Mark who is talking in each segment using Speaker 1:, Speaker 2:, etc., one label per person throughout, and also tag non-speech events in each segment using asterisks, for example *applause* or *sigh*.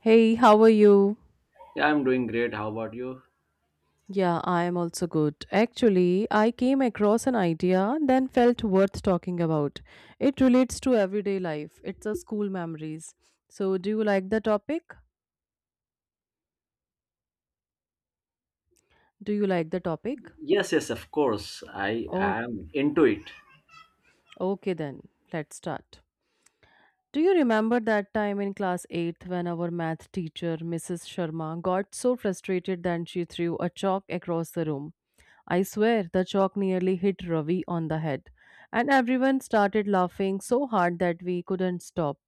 Speaker 1: Hey, how are you?
Speaker 2: Yeah, I'm doing great. How about you?
Speaker 1: Yeah, I am also good. Actually, I came across an idea, then felt worth talking about. It relates to everyday life. It's a school memories. So, do you like the topic? Do you like the topic?
Speaker 2: Yes, of course. I
Speaker 1: Oh,
Speaker 2: am into it.
Speaker 1: okay then. Let's start. Do you remember that time in class 8th when our math teacher, Mrs. Sharma, got so frustrated that she threw a chalk across the room? I swear the chalk nearly hit Ravi on the head, and everyone started laughing so hard that we couldn't stop.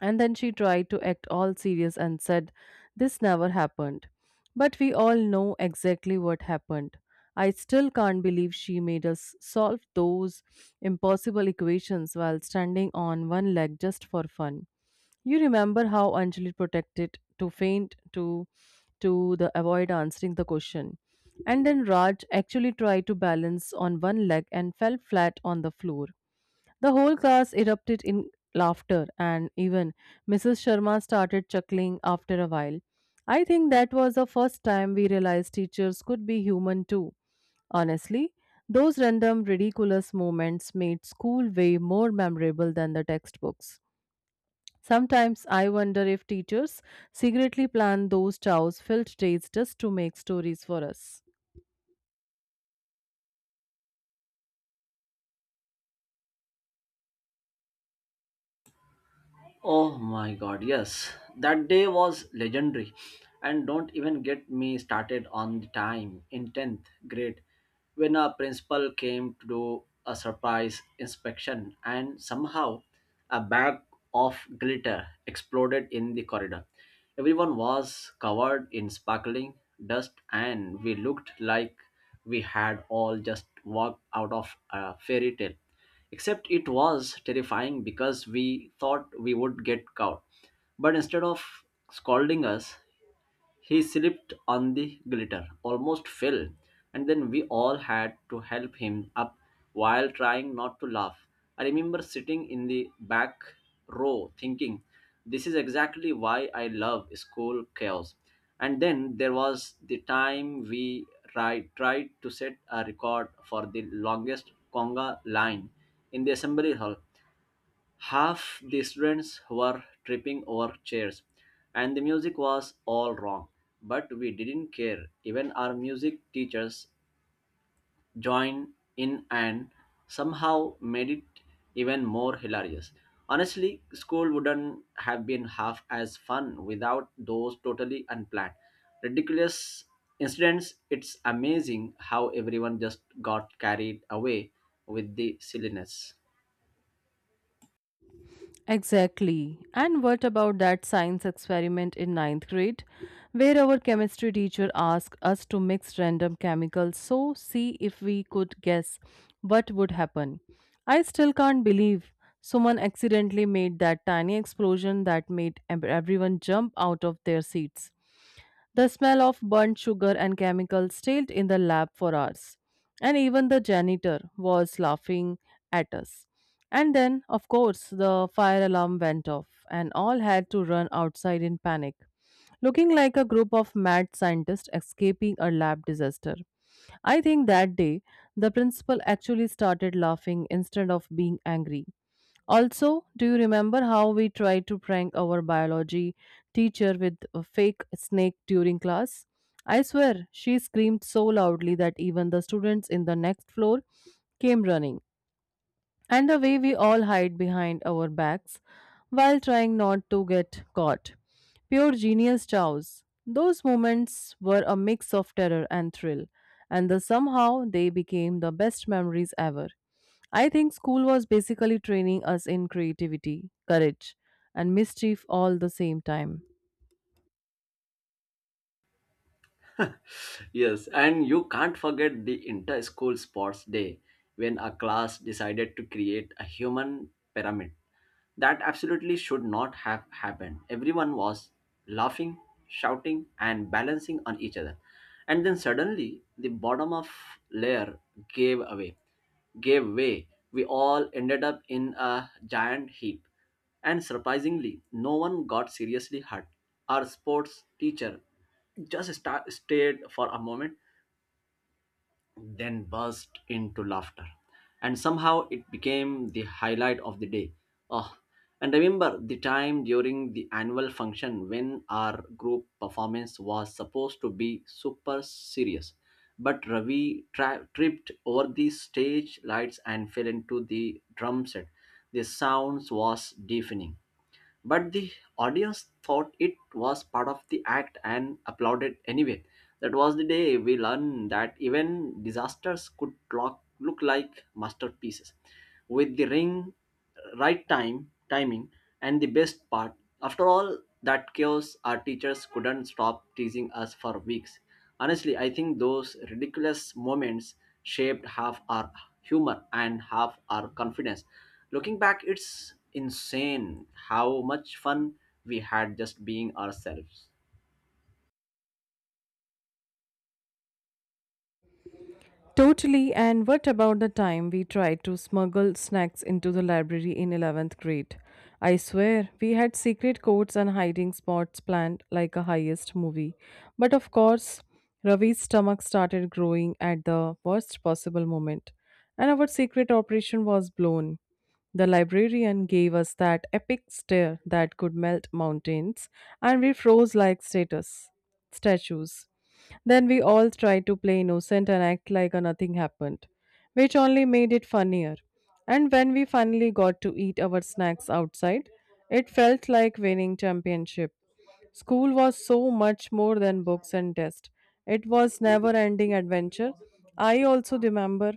Speaker 1: And then she tried to act all serious and said, this never happened. But we all know exactly what happened. I still can't believe she made us solve those impossible equations while standing on one leg just for fun. You remember how Anjali protected to faint to the avoid answering the question. And then Raj actually tried to balance on one leg and fell flat on the floor. The whole class erupted in laughter, and even Mrs. Sharma started chuckling after a while. I think that was the first time we realized teachers could be human too. Honestly, those random ridiculous moments made school way more memorable than the textbooks. Sometimes I wonder if teachers secretly plan those chows filled days just to make stories for us.
Speaker 2: Oh my god, yes. That day was legendary. And don't even get me started on the time in 10th grade when our principal came to do a surprise inspection and somehow a bag of glitter exploded in the corridor. Everyone was covered in sparkling dust and we looked like we had all just walked out of a fairy tale. Except it was terrifying because we thought we would get caught. But instead of scolding us, he slipped on the glitter, almost fell, and then we all had to help him up while trying not to laugh. I remember sitting in the back row thinking, this is exactly why I love school chaos. And then there was the time we tried to set a record for the longest conga line in the assembly hall. Half the students were tripping over chairs, and the music was all wrong. But we didn't care. Even our music teachers joined in and somehow made it even more hilarious. Honestly, school wouldn't have been half as fun without those totally unplanned, ridiculous incidents. It's amazing how everyone just got carried away with the silliness.
Speaker 1: Exactly. And what about that science experiment in ninth grade, where our chemistry teacher asked us to mix random chemicals so see if we could guess what would happen? I still can't believe someone accidentally made that tiny explosion that made everyone jump out of their seats. The smell of burnt sugar and chemicals stayed in the lab for hours, and even the janitor was laughing at us. And then, of course, the fire alarm went off, and all had to run outside in panic, looking like a group of mad scientists escaping a lab disaster. I think that day, the principal actually started laughing instead of being angry also, do you remember how we tried to prank our biology teacher with a fake snake during class? I swear, she screamed so loudly that even the students in the next floor came running and the way we all hide behind our backs while trying not to get caught. Pure genius chows. Those moments were a mix of terror and thrill, and the somehow they became the best memories ever. I think school was basically training us in creativity, courage, and mischief all the same time.
Speaker 2: Yes, and you can't forget the inter school sports day when a class decided to create a human pyramid. That absolutely should not have happened. Everyone was laughing, shouting, and balancing on each other. And then suddenly, the bottom of layer gave away, gave way. We all ended up in a giant heap. And surprisingly, no one got seriously hurt. Our sports teacher just stared for a moment, then burst into laughter. And somehow it became the highlight of the day. Oh, and remember the time during the annual function when our group performance was supposed to be super serious. But Ravi tripped over the stage lights and fell into the drum set. The sounds was deafening but the audience thought it was part of the act and applauded anyway. That was the day we learned that even disasters could look like masterpieces. With the ring, right timing, and the best part, after all that chaos, our teachers couldn't stop teasing us for weeks. Honestly, I think those ridiculous moments shaped half our humor, and half our confidence. Looking back, it's insane how much fun we had just being ourselves.
Speaker 1: Totally, and what about the time we tried to smuggle snacks into the library in 11th grade? I swear, we had secret codes and hiding spots planned like a highest movie. But of course, Ravi's stomach started growing at the worst possible moment, and our secret operation was blown. The librarian gave us that epic stare that could melt mountains, and we froze like status statues. Then we all tried to play innocent and act like nothing happened, which only made it funnier. And when we finally got to eat our snacks outside, it felt like winning championship. School was so much more than books and tests. It was never ending adventure. I also remember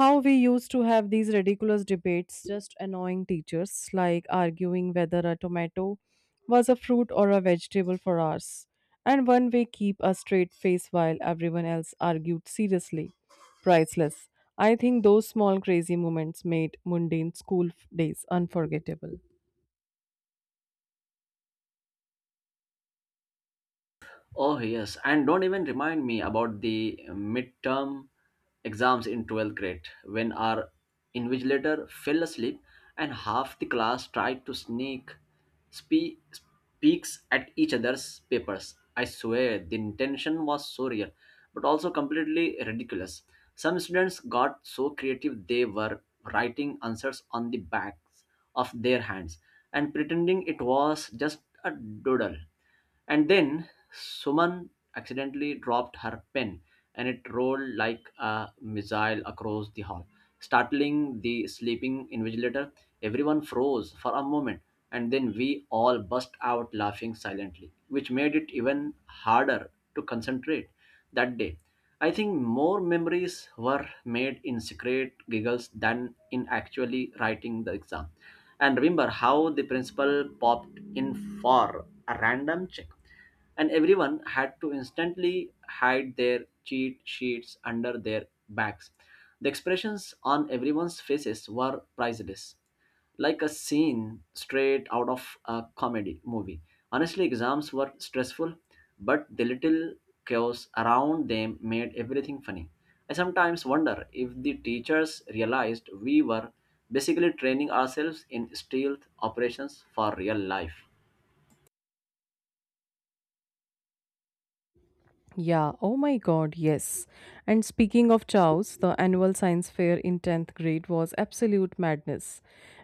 Speaker 1: how we used to have these ridiculous debates, just annoying teachers, like arguing whether a tomato was a fruit or a vegetable for hours. And one way keep a straight face while everyone else argued seriously. Priceless. I think those small crazy moments made mundane school days unforgettable.
Speaker 2: Oh, yes. And don't even remind me about the midterm exams in 12th grade when our invigilator fell asleep and half the class tried to sneak spe- peeks at each other's papers. I swear the intention was so real, but also completely ridiculous. Some students got so creative they were writing answers on the backs of their hands and pretending it was just a doodle. And then Suman accidentally dropped her pen and it rolled like a missile across the hall, startling the sleeping invigilator. Everyone froze for a moment and then we all burst out laughing silently, which made it even harder to concentrate that day. I think more memories were made in secret giggles than in actually writing the exam. And remember how the principal popped in for a random check, and everyone had to instantly hide their cheat sheets under their backs. The expressions on everyone's faces were priceless, like a scene straight out of a comedy movie. Honestly, exams were stressful, but the little chaos around them made everything funny. I sometimes wonder if the teachers realized we were basically training ourselves in stealth operations for real life.
Speaker 1: Yeah, oh my god, yes. And speaking of chows, the annual science fair in 10th grade was absolute madness.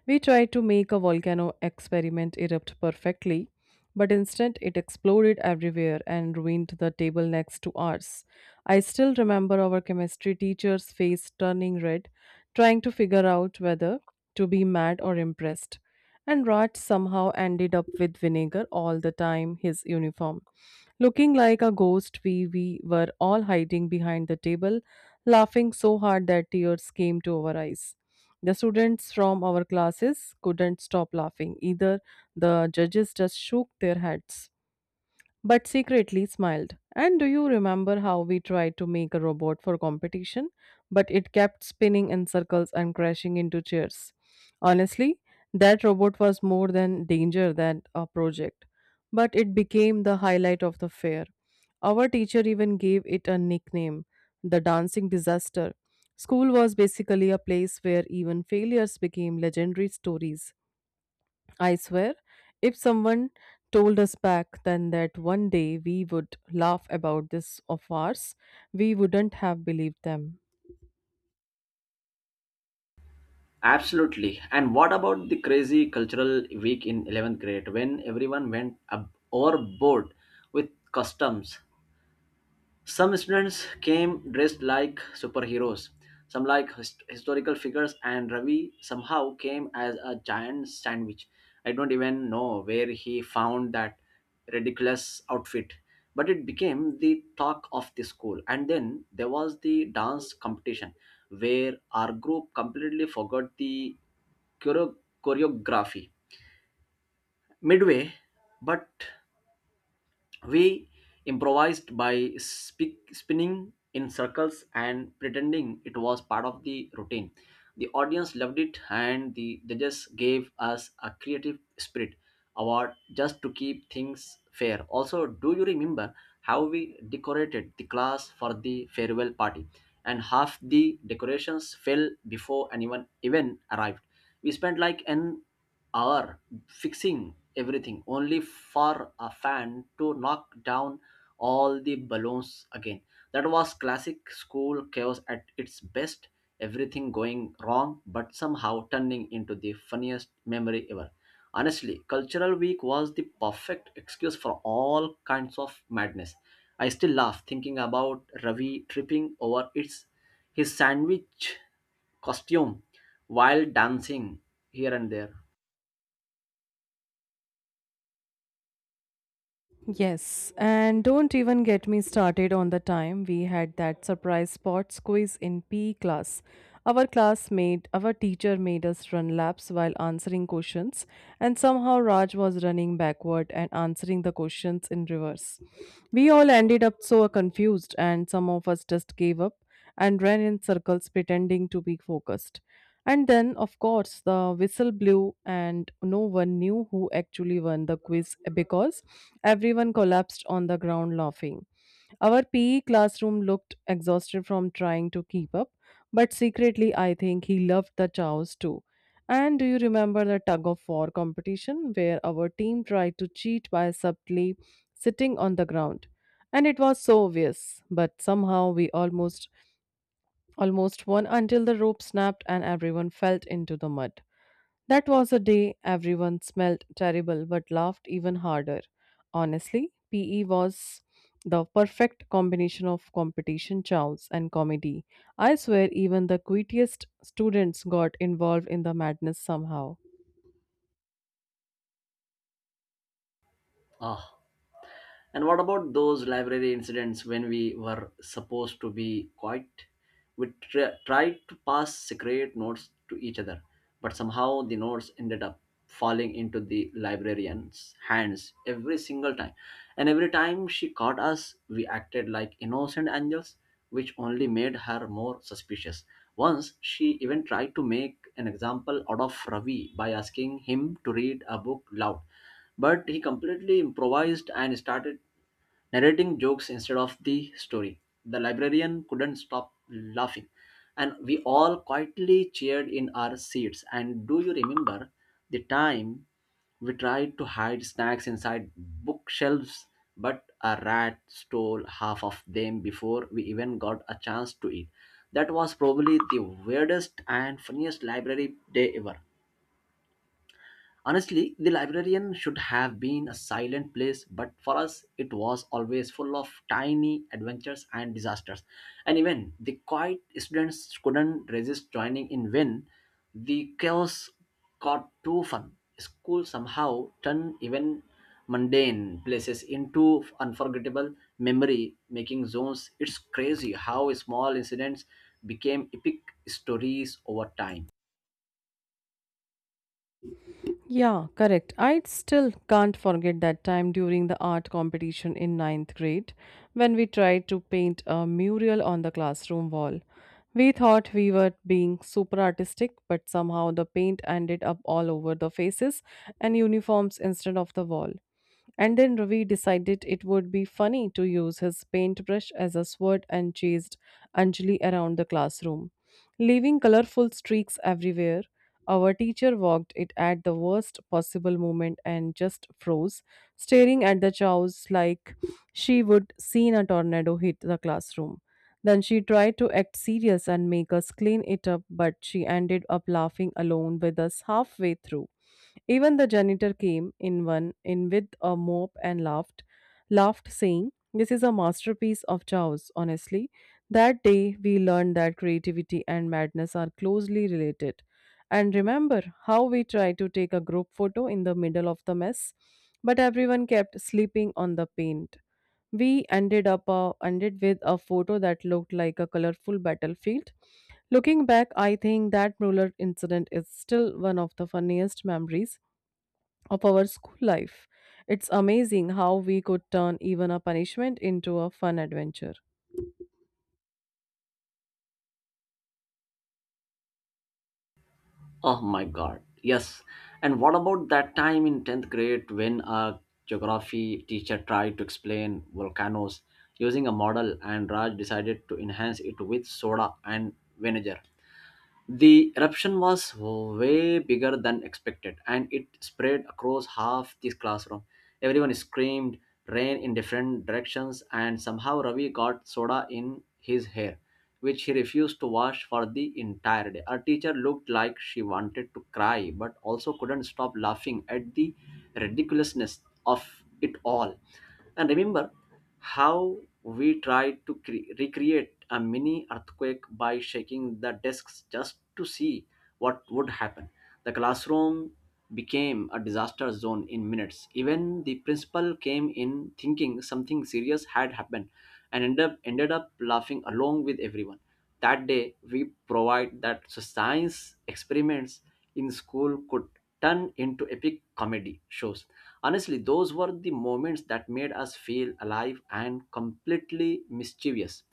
Speaker 1: We tried to make a volcano experiment erupt perfectly, but instead it exploded everywhere and ruined the table next to ours. I still remember our chemistry teacher's face turning red, trying to figure out whether to be mad or impressed. And Raj somehow ended up with vinegar all the time his uniform. Looking like a ghost, we were all hiding behind the table, laughing so hard that tears came to our eyes. The students from our classes couldn't stop laughing. Either the judges just shook their heads but secretly smiled. And do you remember how we tried to make a robot for competition, but it kept spinning in circles and crashing into chairs? Honestly, that robot was more than danger than a project, but it became the highlight of the fair. Our teacher even gave it a nickname, the dancing disaster. School was basically a place where even failures became legendary stories. I swear, if someone told us back then that one day we would laugh about this of ours, we wouldn't have believed them.
Speaker 2: Absolutely. And what about the crazy cultural week in 11th grade when everyone went overboard with customs? Some students came dressed like superheroes, some like historical figures, and Ravi somehow came as a giant sandwich. I don't even know where he found that ridiculous outfit, but it became the talk of the school. And then there was the dance competition where our group completely forgot the choreo- choreography midway, but we improvised by spinning in circles and pretending it was part of the routine. The audience loved it, and the judges gave us a Creative Spirit Award just to keep things fair. Also, do you remember how we decorated the class for the farewell party? And half the decorations fell before anyone even arrived. We spent like an hour fixing everything only for a fan to knock down all the balloons again. That was classic school chaos at its best, everything going wrong but somehow turning into the funniest memory ever. Honestly, Cultural Week was the perfect excuse for all kinds of madness. I still laugh thinking about Ravi tripping over its his sandwich costume while dancing here and there.
Speaker 1: Yes, and don't even get me started on the time we had that surprise sports quiz in PE class. Our classmate, our teacher made us run laps while answering questions, and somehow Raj was running backward and answering the questions in reverse. We all ended up so confused, and some of us just gave up, and ran in circles pretending to be focused. And then, of course, the whistle blew, and no one knew who actually won the quiz because everyone collapsed on the ground laughing. Our PE classroom looked exhausted from trying to keep up, but secretly, I think he loved the chows too. And do you remember the tug of war competition where our team tried to cheat by subtly sitting on the ground? And it was so obvious, but somehow we almost one until the rope snapped and everyone fell into the mud. That was a day everyone smelled terrible but laughed even harder. Honestly, PE was the perfect combination of competition chows and comedy. I swear even the quietest students got involved in the madness somehow.
Speaker 2: Ah, and what about those library incidents when we were supposed to be quiet? We tried to pass secret notes to each other, but somehow the notes ended up falling into the librarian's hands every single time. And every time she caught us, we acted like innocent angels, which only made her more suspicious. Once she even tried to make an example out of Ravi by asking him to read a book loud, but he completely improvised and started narrating jokes instead of the story. The librarian couldn't stop laughing, and we all quietly cheered in our seats. And do you remember the time we tried to hide snacks inside bookshelves, but a rat stole half of them before we even got a chance to eat? That was probably the weirdest and funniest library day ever. Honestly, the librarian should have been a silent place, but for us, it was always full of tiny adventures and disasters. And even the quiet students couldn't resist joining in when the chaos got too fun. School somehow turned even mundane places into unforgettable memory making zones. It's crazy how small incidents became epic stories over time.
Speaker 1: Yeah, correct. I still can't forget that time during the art competition in ninth grade when we tried to paint a mural on the classroom wall. We thought we were being super artistic, but somehow the paint ended up all over the faces and uniforms instead of the wall. And then Ravi decided it would be funny to use his paintbrush as a sword and chased Anjali around the classroom, leaving colorful streaks everywhere. Our teacher walked it at the worst possible moment and just froze, staring at the chows like she would seen a tornado hit the classroom. Then she tried to act serious and make us clean it up, but she ended up laughing alone with us halfway through. Even the janitor came in one in with a mop and laughed saying, "This is a masterpiece of Chao's, honestly." That day we learned that creativity and madness are closely related. And remember how we tried to take a group photo in the middle of the mess, but everyone kept sleeping on the paint. We ended with a photo that looked like a colorful battlefield. Looking back, I think that Mueller incident is still one of the funniest memories of our school life. It's amazing how we could turn even a punishment into a fun adventure.
Speaker 2: Oh my god. Yes. And what about that time in 10th grade when a geography teacher tried to explain volcanoes using a model and Raj decided to enhance it with soda and vinegar? The eruption was way bigger than expected and it spread across half the classroom. Everyone screamed, ran in different directions, and somehow Ravi got soda in his hair, which he refused to wash for the entire day. Our teacher looked like she wanted to cry but also couldn't stop laughing at the ridiculousness of it all. And remember how we tried to recreate a mini earthquake by shaking the desks just to see what would happen. The classroom became a disaster zone in minutes. Even the principal came in thinking something serious had happened and ended up laughing along with everyone. That day, we provide that so science experiments in school could turn into epic comedy shows. Honestly, those were the moments that made us feel alive and completely mischievous.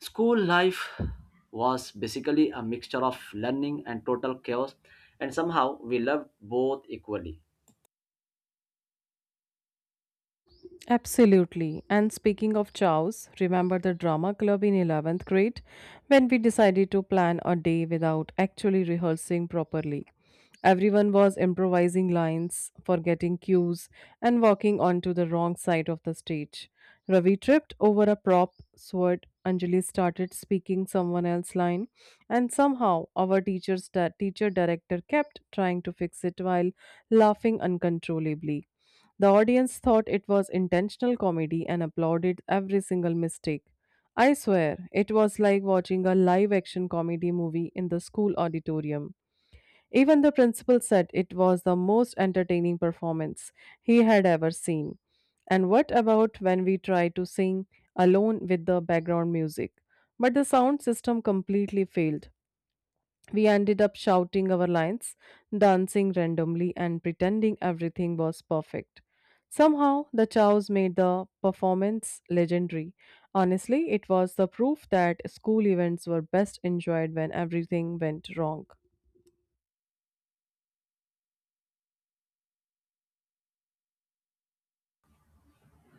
Speaker 2: School life was basically a mixture of learning and total chaos, and somehow we loved both equally.
Speaker 1: Absolutely. And speaking of chows, remember the drama club in 11th grade when we decided to plan a day without actually rehearsing properly? Everyone was improvising lines, forgetting cues, and walking onto the wrong side of the stage. Ravi tripped over a prop sword. Anjali started speaking someone else's line, and somehow our teacher director kept trying to fix it while laughing uncontrollably. The audience thought it was intentional comedy and applauded every single mistake. I swear, it was like watching a live action comedy movie in the school auditorium. Even the principal said it was the most entertaining performance he had ever seen. And what about when we tried to sing alone with the background music? But the sound system completely failed. We ended up shouting our lines, dancing randomly, and pretending everything was perfect. Somehow, the chows made the performance legendary. Honestly, it was the proof that school events were best enjoyed when everything went wrong.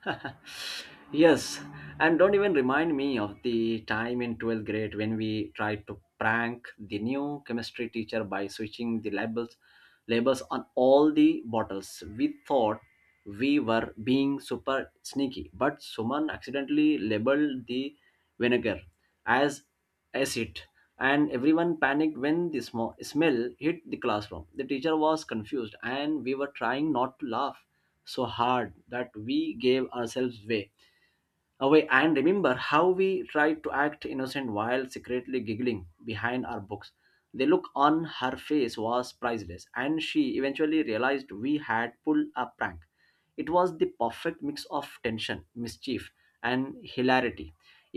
Speaker 2: *laughs* Yes, and don't even remind me of the time in 12th grade when we tried to prank the new chemistry teacher by switching the labels on all the bottles. We thought we were being super sneaky, but someone accidentally labeled the vinegar as acid and everyone panicked when the smell hit the classroom. The teacher was confused and we were trying not to laugh so hard that we gave ourselves way away. And remember how we tried to act innocent while secretly giggling behind our books. The look on her face was priceless and she eventually realized we had pulled a prank. It was the perfect mix of tension, mischief, and hilarity.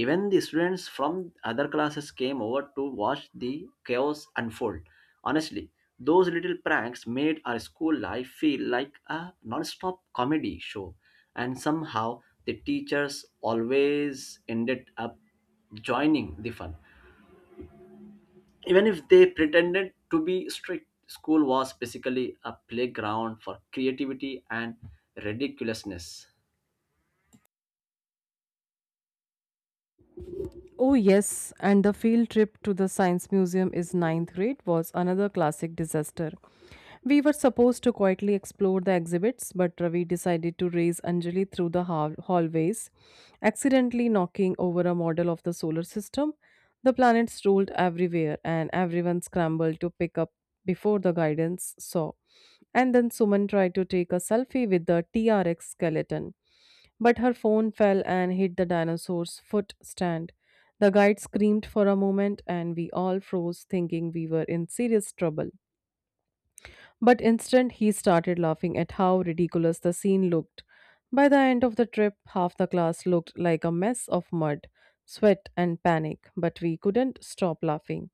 Speaker 2: Even the students from other classes came over to watch the chaos unfold. Honestly, those little pranks made our school life feel like a non-stop comedy show, and somehow the teachers always ended up joining the fun. Even if they pretended to be strict, school was basically a playground for creativity and ridiculousness.
Speaker 1: Oh, yes, and the field trip to the Science Museum is ninth grade was another classic disaster. We were supposed to quietly explore the exhibits, but Ravi decided to race Anjali through the hallways, accidentally knocking over a model of the solar system. The planets rolled everywhere, and everyone scrambled to pick up before the guidance saw. And then Suman tried to take a selfie with the TRX skeleton, but her phone fell and hit the dinosaur's foot stand. The guide screamed for a moment, and we all froze, thinking we were in serious trouble. But instant he started laughing at how ridiculous the scene looked. By the end of the trip, half the class looked like a mess of mud, sweat, and panic, but we couldn't stop laughing.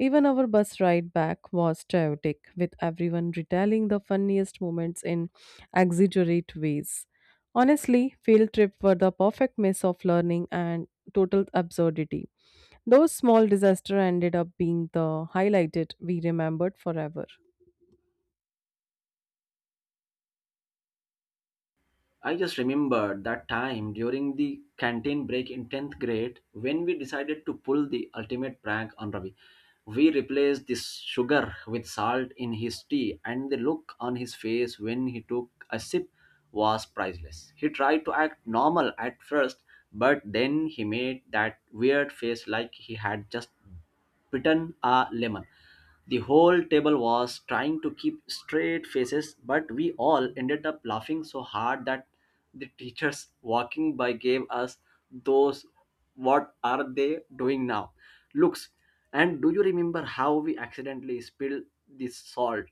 Speaker 1: Even our bus ride back was chaotic, with everyone retelling the funniest moments in exaggerate ways. Honestly, field trips were the perfect mix of learning and total absurdity. Those small disasters ended up being the highlighted we remembered forever.
Speaker 2: I just remember that time during the canteen break in 10th grade when we decided to pull the ultimate prank on Ravi. We replaced this sugar with salt in his tea, and the look on his face when he took a sip was priceless. He tried to act normal at first, but then he made that weird face like he had just bitten a lemon. The whole table was trying to keep straight faces, but we all ended up laughing so hard that the teachers walking by gave us those what are they doing now looks. And do you remember how we accidentally spilled the salt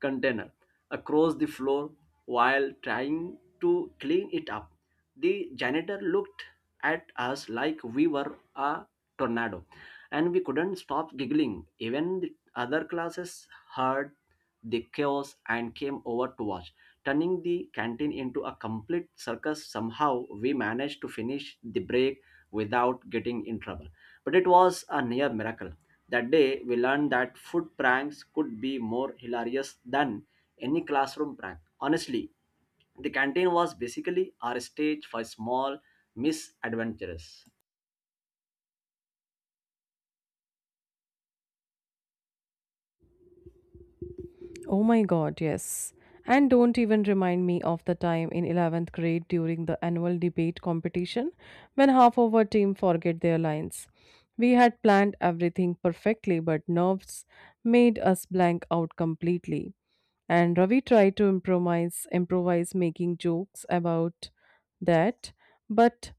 Speaker 2: container across the floor while trying to clean it up? The janitor looked at us like we were a tornado and we couldn't stop giggling. Even other classes heard the chaos and came over to watch. Turning the canteen into a complete circus, somehow we managed to finish the break without getting in trouble. But it was a near miracle. That day, we learned that food pranks could be more hilarious than any classroom prank. Honestly, the canteen was basically our stage for small misadventures.
Speaker 1: Oh my god, yes. And don't even remind me of the time in 11th grade during the annual debate competition when half of our team forget their lines. We had planned everything perfectly, but nerves made us blank out completely. And Ravi tried to improvise making jokes about that, but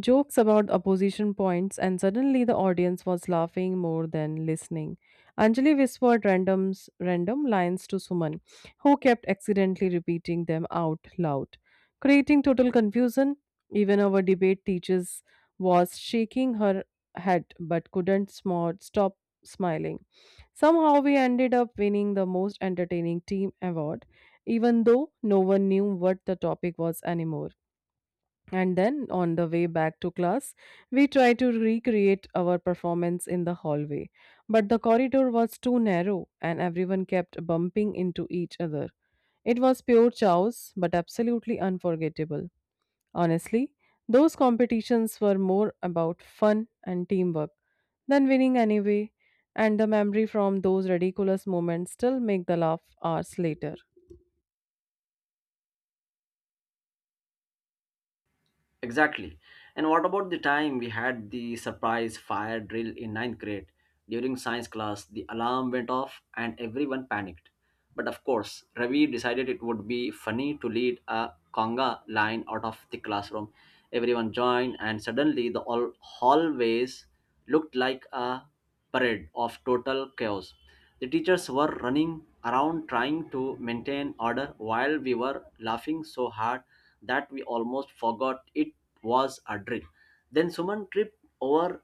Speaker 1: jokes about opposition points, and suddenly the audience was laughing more than listening. Anjali whispered random lines to Suman, who kept accidentally repeating them out loud, creating total confusion. Even our debate teachers was shaking her head but couldn't stop smiling. Somehow we ended up winning the most entertaining team award, even though no one knew what the topic was anymore. And then on the way back to class, we tried to recreate our performance in the hallway. But the corridor was too narrow and everyone kept bumping into each other. It was pure chaos, but absolutely unforgettable. Honestly, those competitions were more about fun and teamwork than winning anyway, and the memory from those ridiculous moments still make the laugh hours later.
Speaker 2: Exactly. And what about the time we had the surprise fire drill in ninth grade? During science class, the alarm went off and everyone panicked. But of course, Ravi decided it would be funny to lead a conga line out of the classroom. Everyone joined, and suddenly the all hallways looked like a parade of total chaos. The teachers were running around trying to maintain order while we were laughing so hard that we almost forgot it was a drill. Then Suman tripped over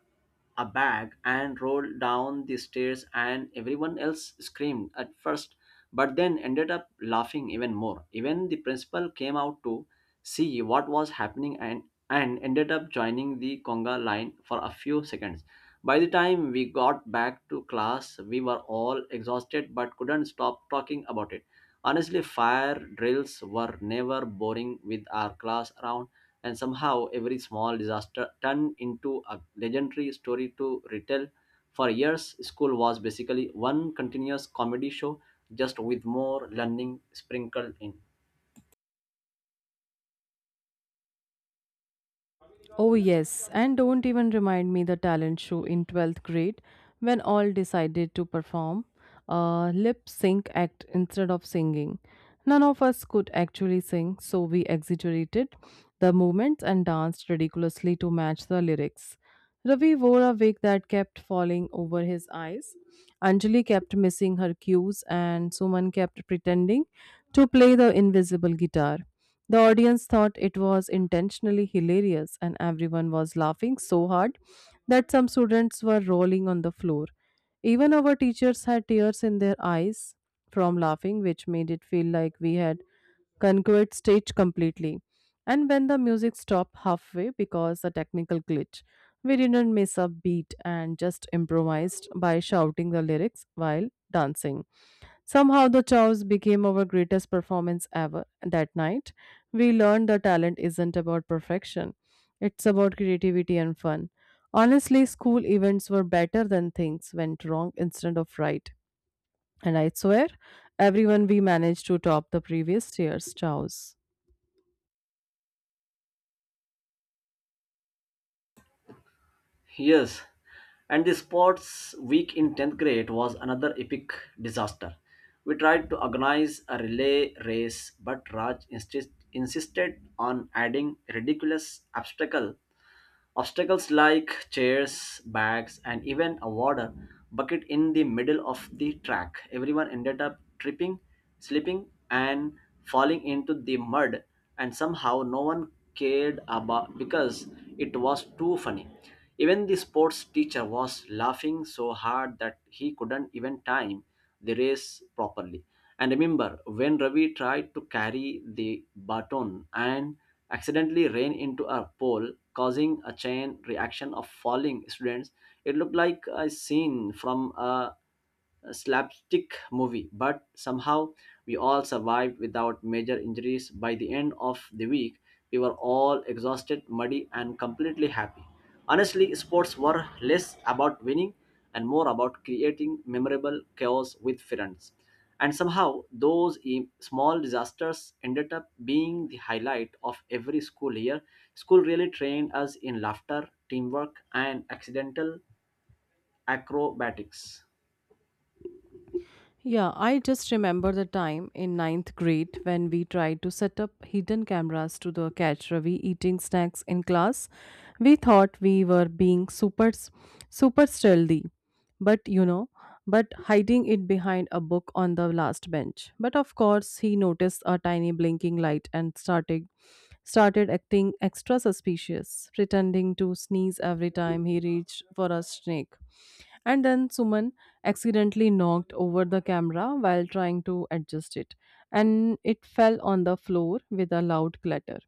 Speaker 2: a bag and rolled down the stairs, and everyone else screamed at first, but then ended up laughing even more. Even the principal came out to see what was happening and ended up joining the conga line for a few seconds. By the time we got back to class, we were all exhausted but couldn't stop talking about it. Honestly, fire drills were never boring with our class around, and somehow every small disaster turned into a legendary story to retell. For years, school was basically one continuous comedy show, just with more learning sprinkled in.
Speaker 1: Oh, yes, and don't even remind me the talent show in 12th grade when all decided to perform a lip sync act instead of singing. None of us could actually sing, so we exaggerated the movements and danced ridiculously to match the lyrics. Ravi wore a wig that kept falling over his eyes. Anjali kept missing her cues, and Suman kept pretending to play the invisible guitar. The audience thought it was intentionally hilarious, and everyone was laughing so hard that some students were rolling on the floor. Even our teachers had tears in their eyes from laughing, which made it feel like we had conquered stage completely. And when the music stopped halfway because a technical glitch, we didn't miss a beat and just improvised by shouting the lyrics while dancing. Somehow the chows became our greatest performance ever. That night, we learned that talent isn't about perfection. It's about creativity and fun. Honestly, school events were better than things went wrong instead of right. And I swear, everyone we managed to top the previous year's chows.
Speaker 2: Yes, and the sports week in 10th grade was another epic disaster. We tried to organize a relay race, but insisted on adding ridiculous Obstacles like chairs, bags, and even a water bucket in the middle of the track. Everyone ended up tripping, slipping, and falling into the mud, and somehow no one cared about because it was too funny. Even the sports teacher was laughing so hard that he couldn't even time the race properly. And remember, when Ravi tried to carry the baton and accidentally ran into a pole, causing a chain reaction of falling students, it looked like a scene from a slapstick movie, but somehow we all survived without major injuries. By the end of the week, we were all exhausted, muddy, and completely happy. Honestly, sports were less about winning and more about creating memorable chaos with friends. And somehow, those small disasters ended up being the highlight of every school year. School really trained us in laughter, teamwork, and accidental acrobatics.
Speaker 1: Yeah, I just remember the time in ninth grade when we tried to set up hidden cameras to the catch Ravi eating snacks in class. We thought we were being super stealthy, but you know, but hiding it behind a book on the last bench. But of course, he noticed a tiny blinking light and started acting extra suspicious, pretending to sneeze every time he reached for a snake. And then Suman accidentally knocked over the camera while trying to adjust it, and it fell on the floor with a loud clatter.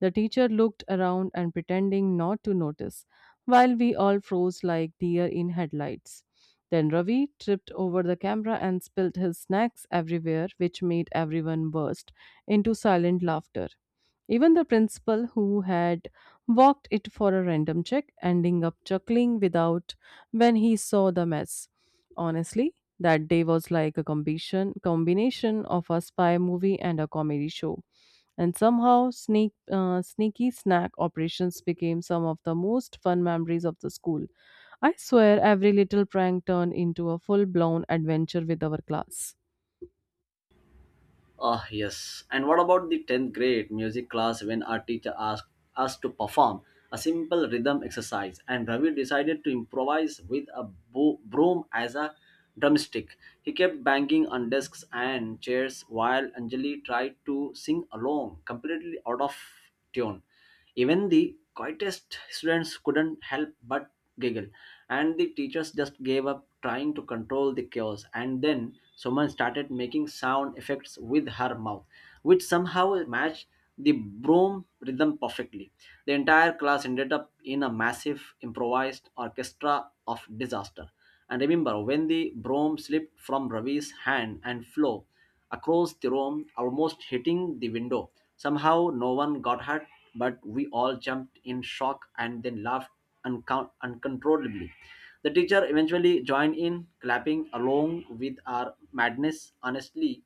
Speaker 1: The teacher looked around and pretending not to notice, while we all froze like deer in headlights. Then Ravi tripped over the camera and spilled his snacks everywhere, which made everyone burst into silent laughter. Even the principal, who had walked it for a random check, ending up chuckling without when he saw the mess. Honestly, that day was like a combination of a spy movie and a comedy show. And somehow, sneaky snack operations became some of the most fun memories of the school. I swear, every little prank turned into a full blown adventure with our class.
Speaker 2: Ah, yes. And what about the 10th grade music class when our teacher asked us to perform a simple rhythm exercise and Ravi decided to improvise with a broom as a drumstick? He kept banging on desks and chairs while Anjali tried to sing along, completely out of tune. Even the quietest students couldn't help but giggle, and the teachers just gave up trying to control the chaos. And then someone started making sound effects with her mouth, which somehow matched the broom rhythm perfectly. The entire class ended up in a massive improvised orchestra of disaster. And remember, when the broom slipped from Ravi's hand and flow across the room, almost hitting the window. Somehow, no one got hurt, but we all jumped in shock and then laughed uncontrollably. The teacher eventually joined in, clapping along with our madness. Honestly,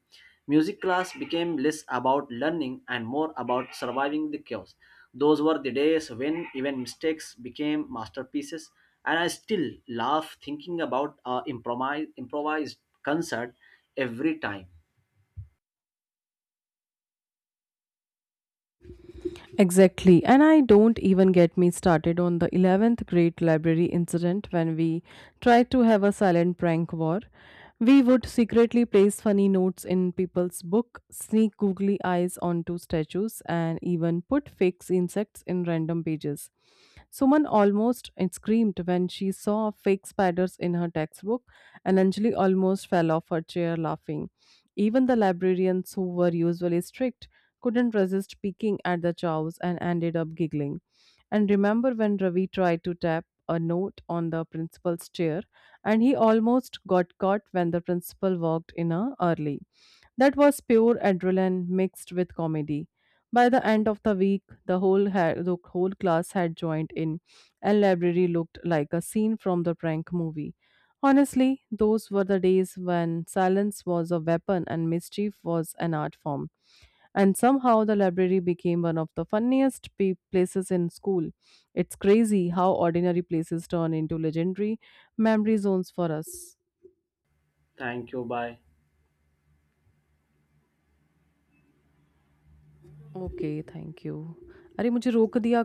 Speaker 2: music class became less about learning and more about surviving the chaos. Those were the days when even mistakes became masterpieces, and I still laugh thinking about our improvised concert every time.
Speaker 1: Exactly. And I don't even get me started on the 11th grade library incident when we tried to have a silent prank war. We would secretly place funny notes in people's book, sneak googly eyes onto statues, and even put fake insects in random pages. Suman almost screamed when she saw fake spiders in her textbook, and Anjali almost fell off her chair laughing. Even the librarians who were usually strict couldn't resist peeking at the chows and ended up giggling. And remember when Ravi tried to tap a note on the principal's chair and he almost got caught when the principal walked in early. That was pure adrenaline mixed with comedy. By the end of the week, the whole class had joined in, and library looked like a scene from the prank movie. Honestly, those were the days when silence was a weapon and mischief was an art form and somehow the library became one of the funniest places in school. It's crazy how ordinary places turn into legendary memory zones for us.
Speaker 2: Thank you. Bye.
Speaker 1: Okay, thank you. अरे मुझे रोक दिया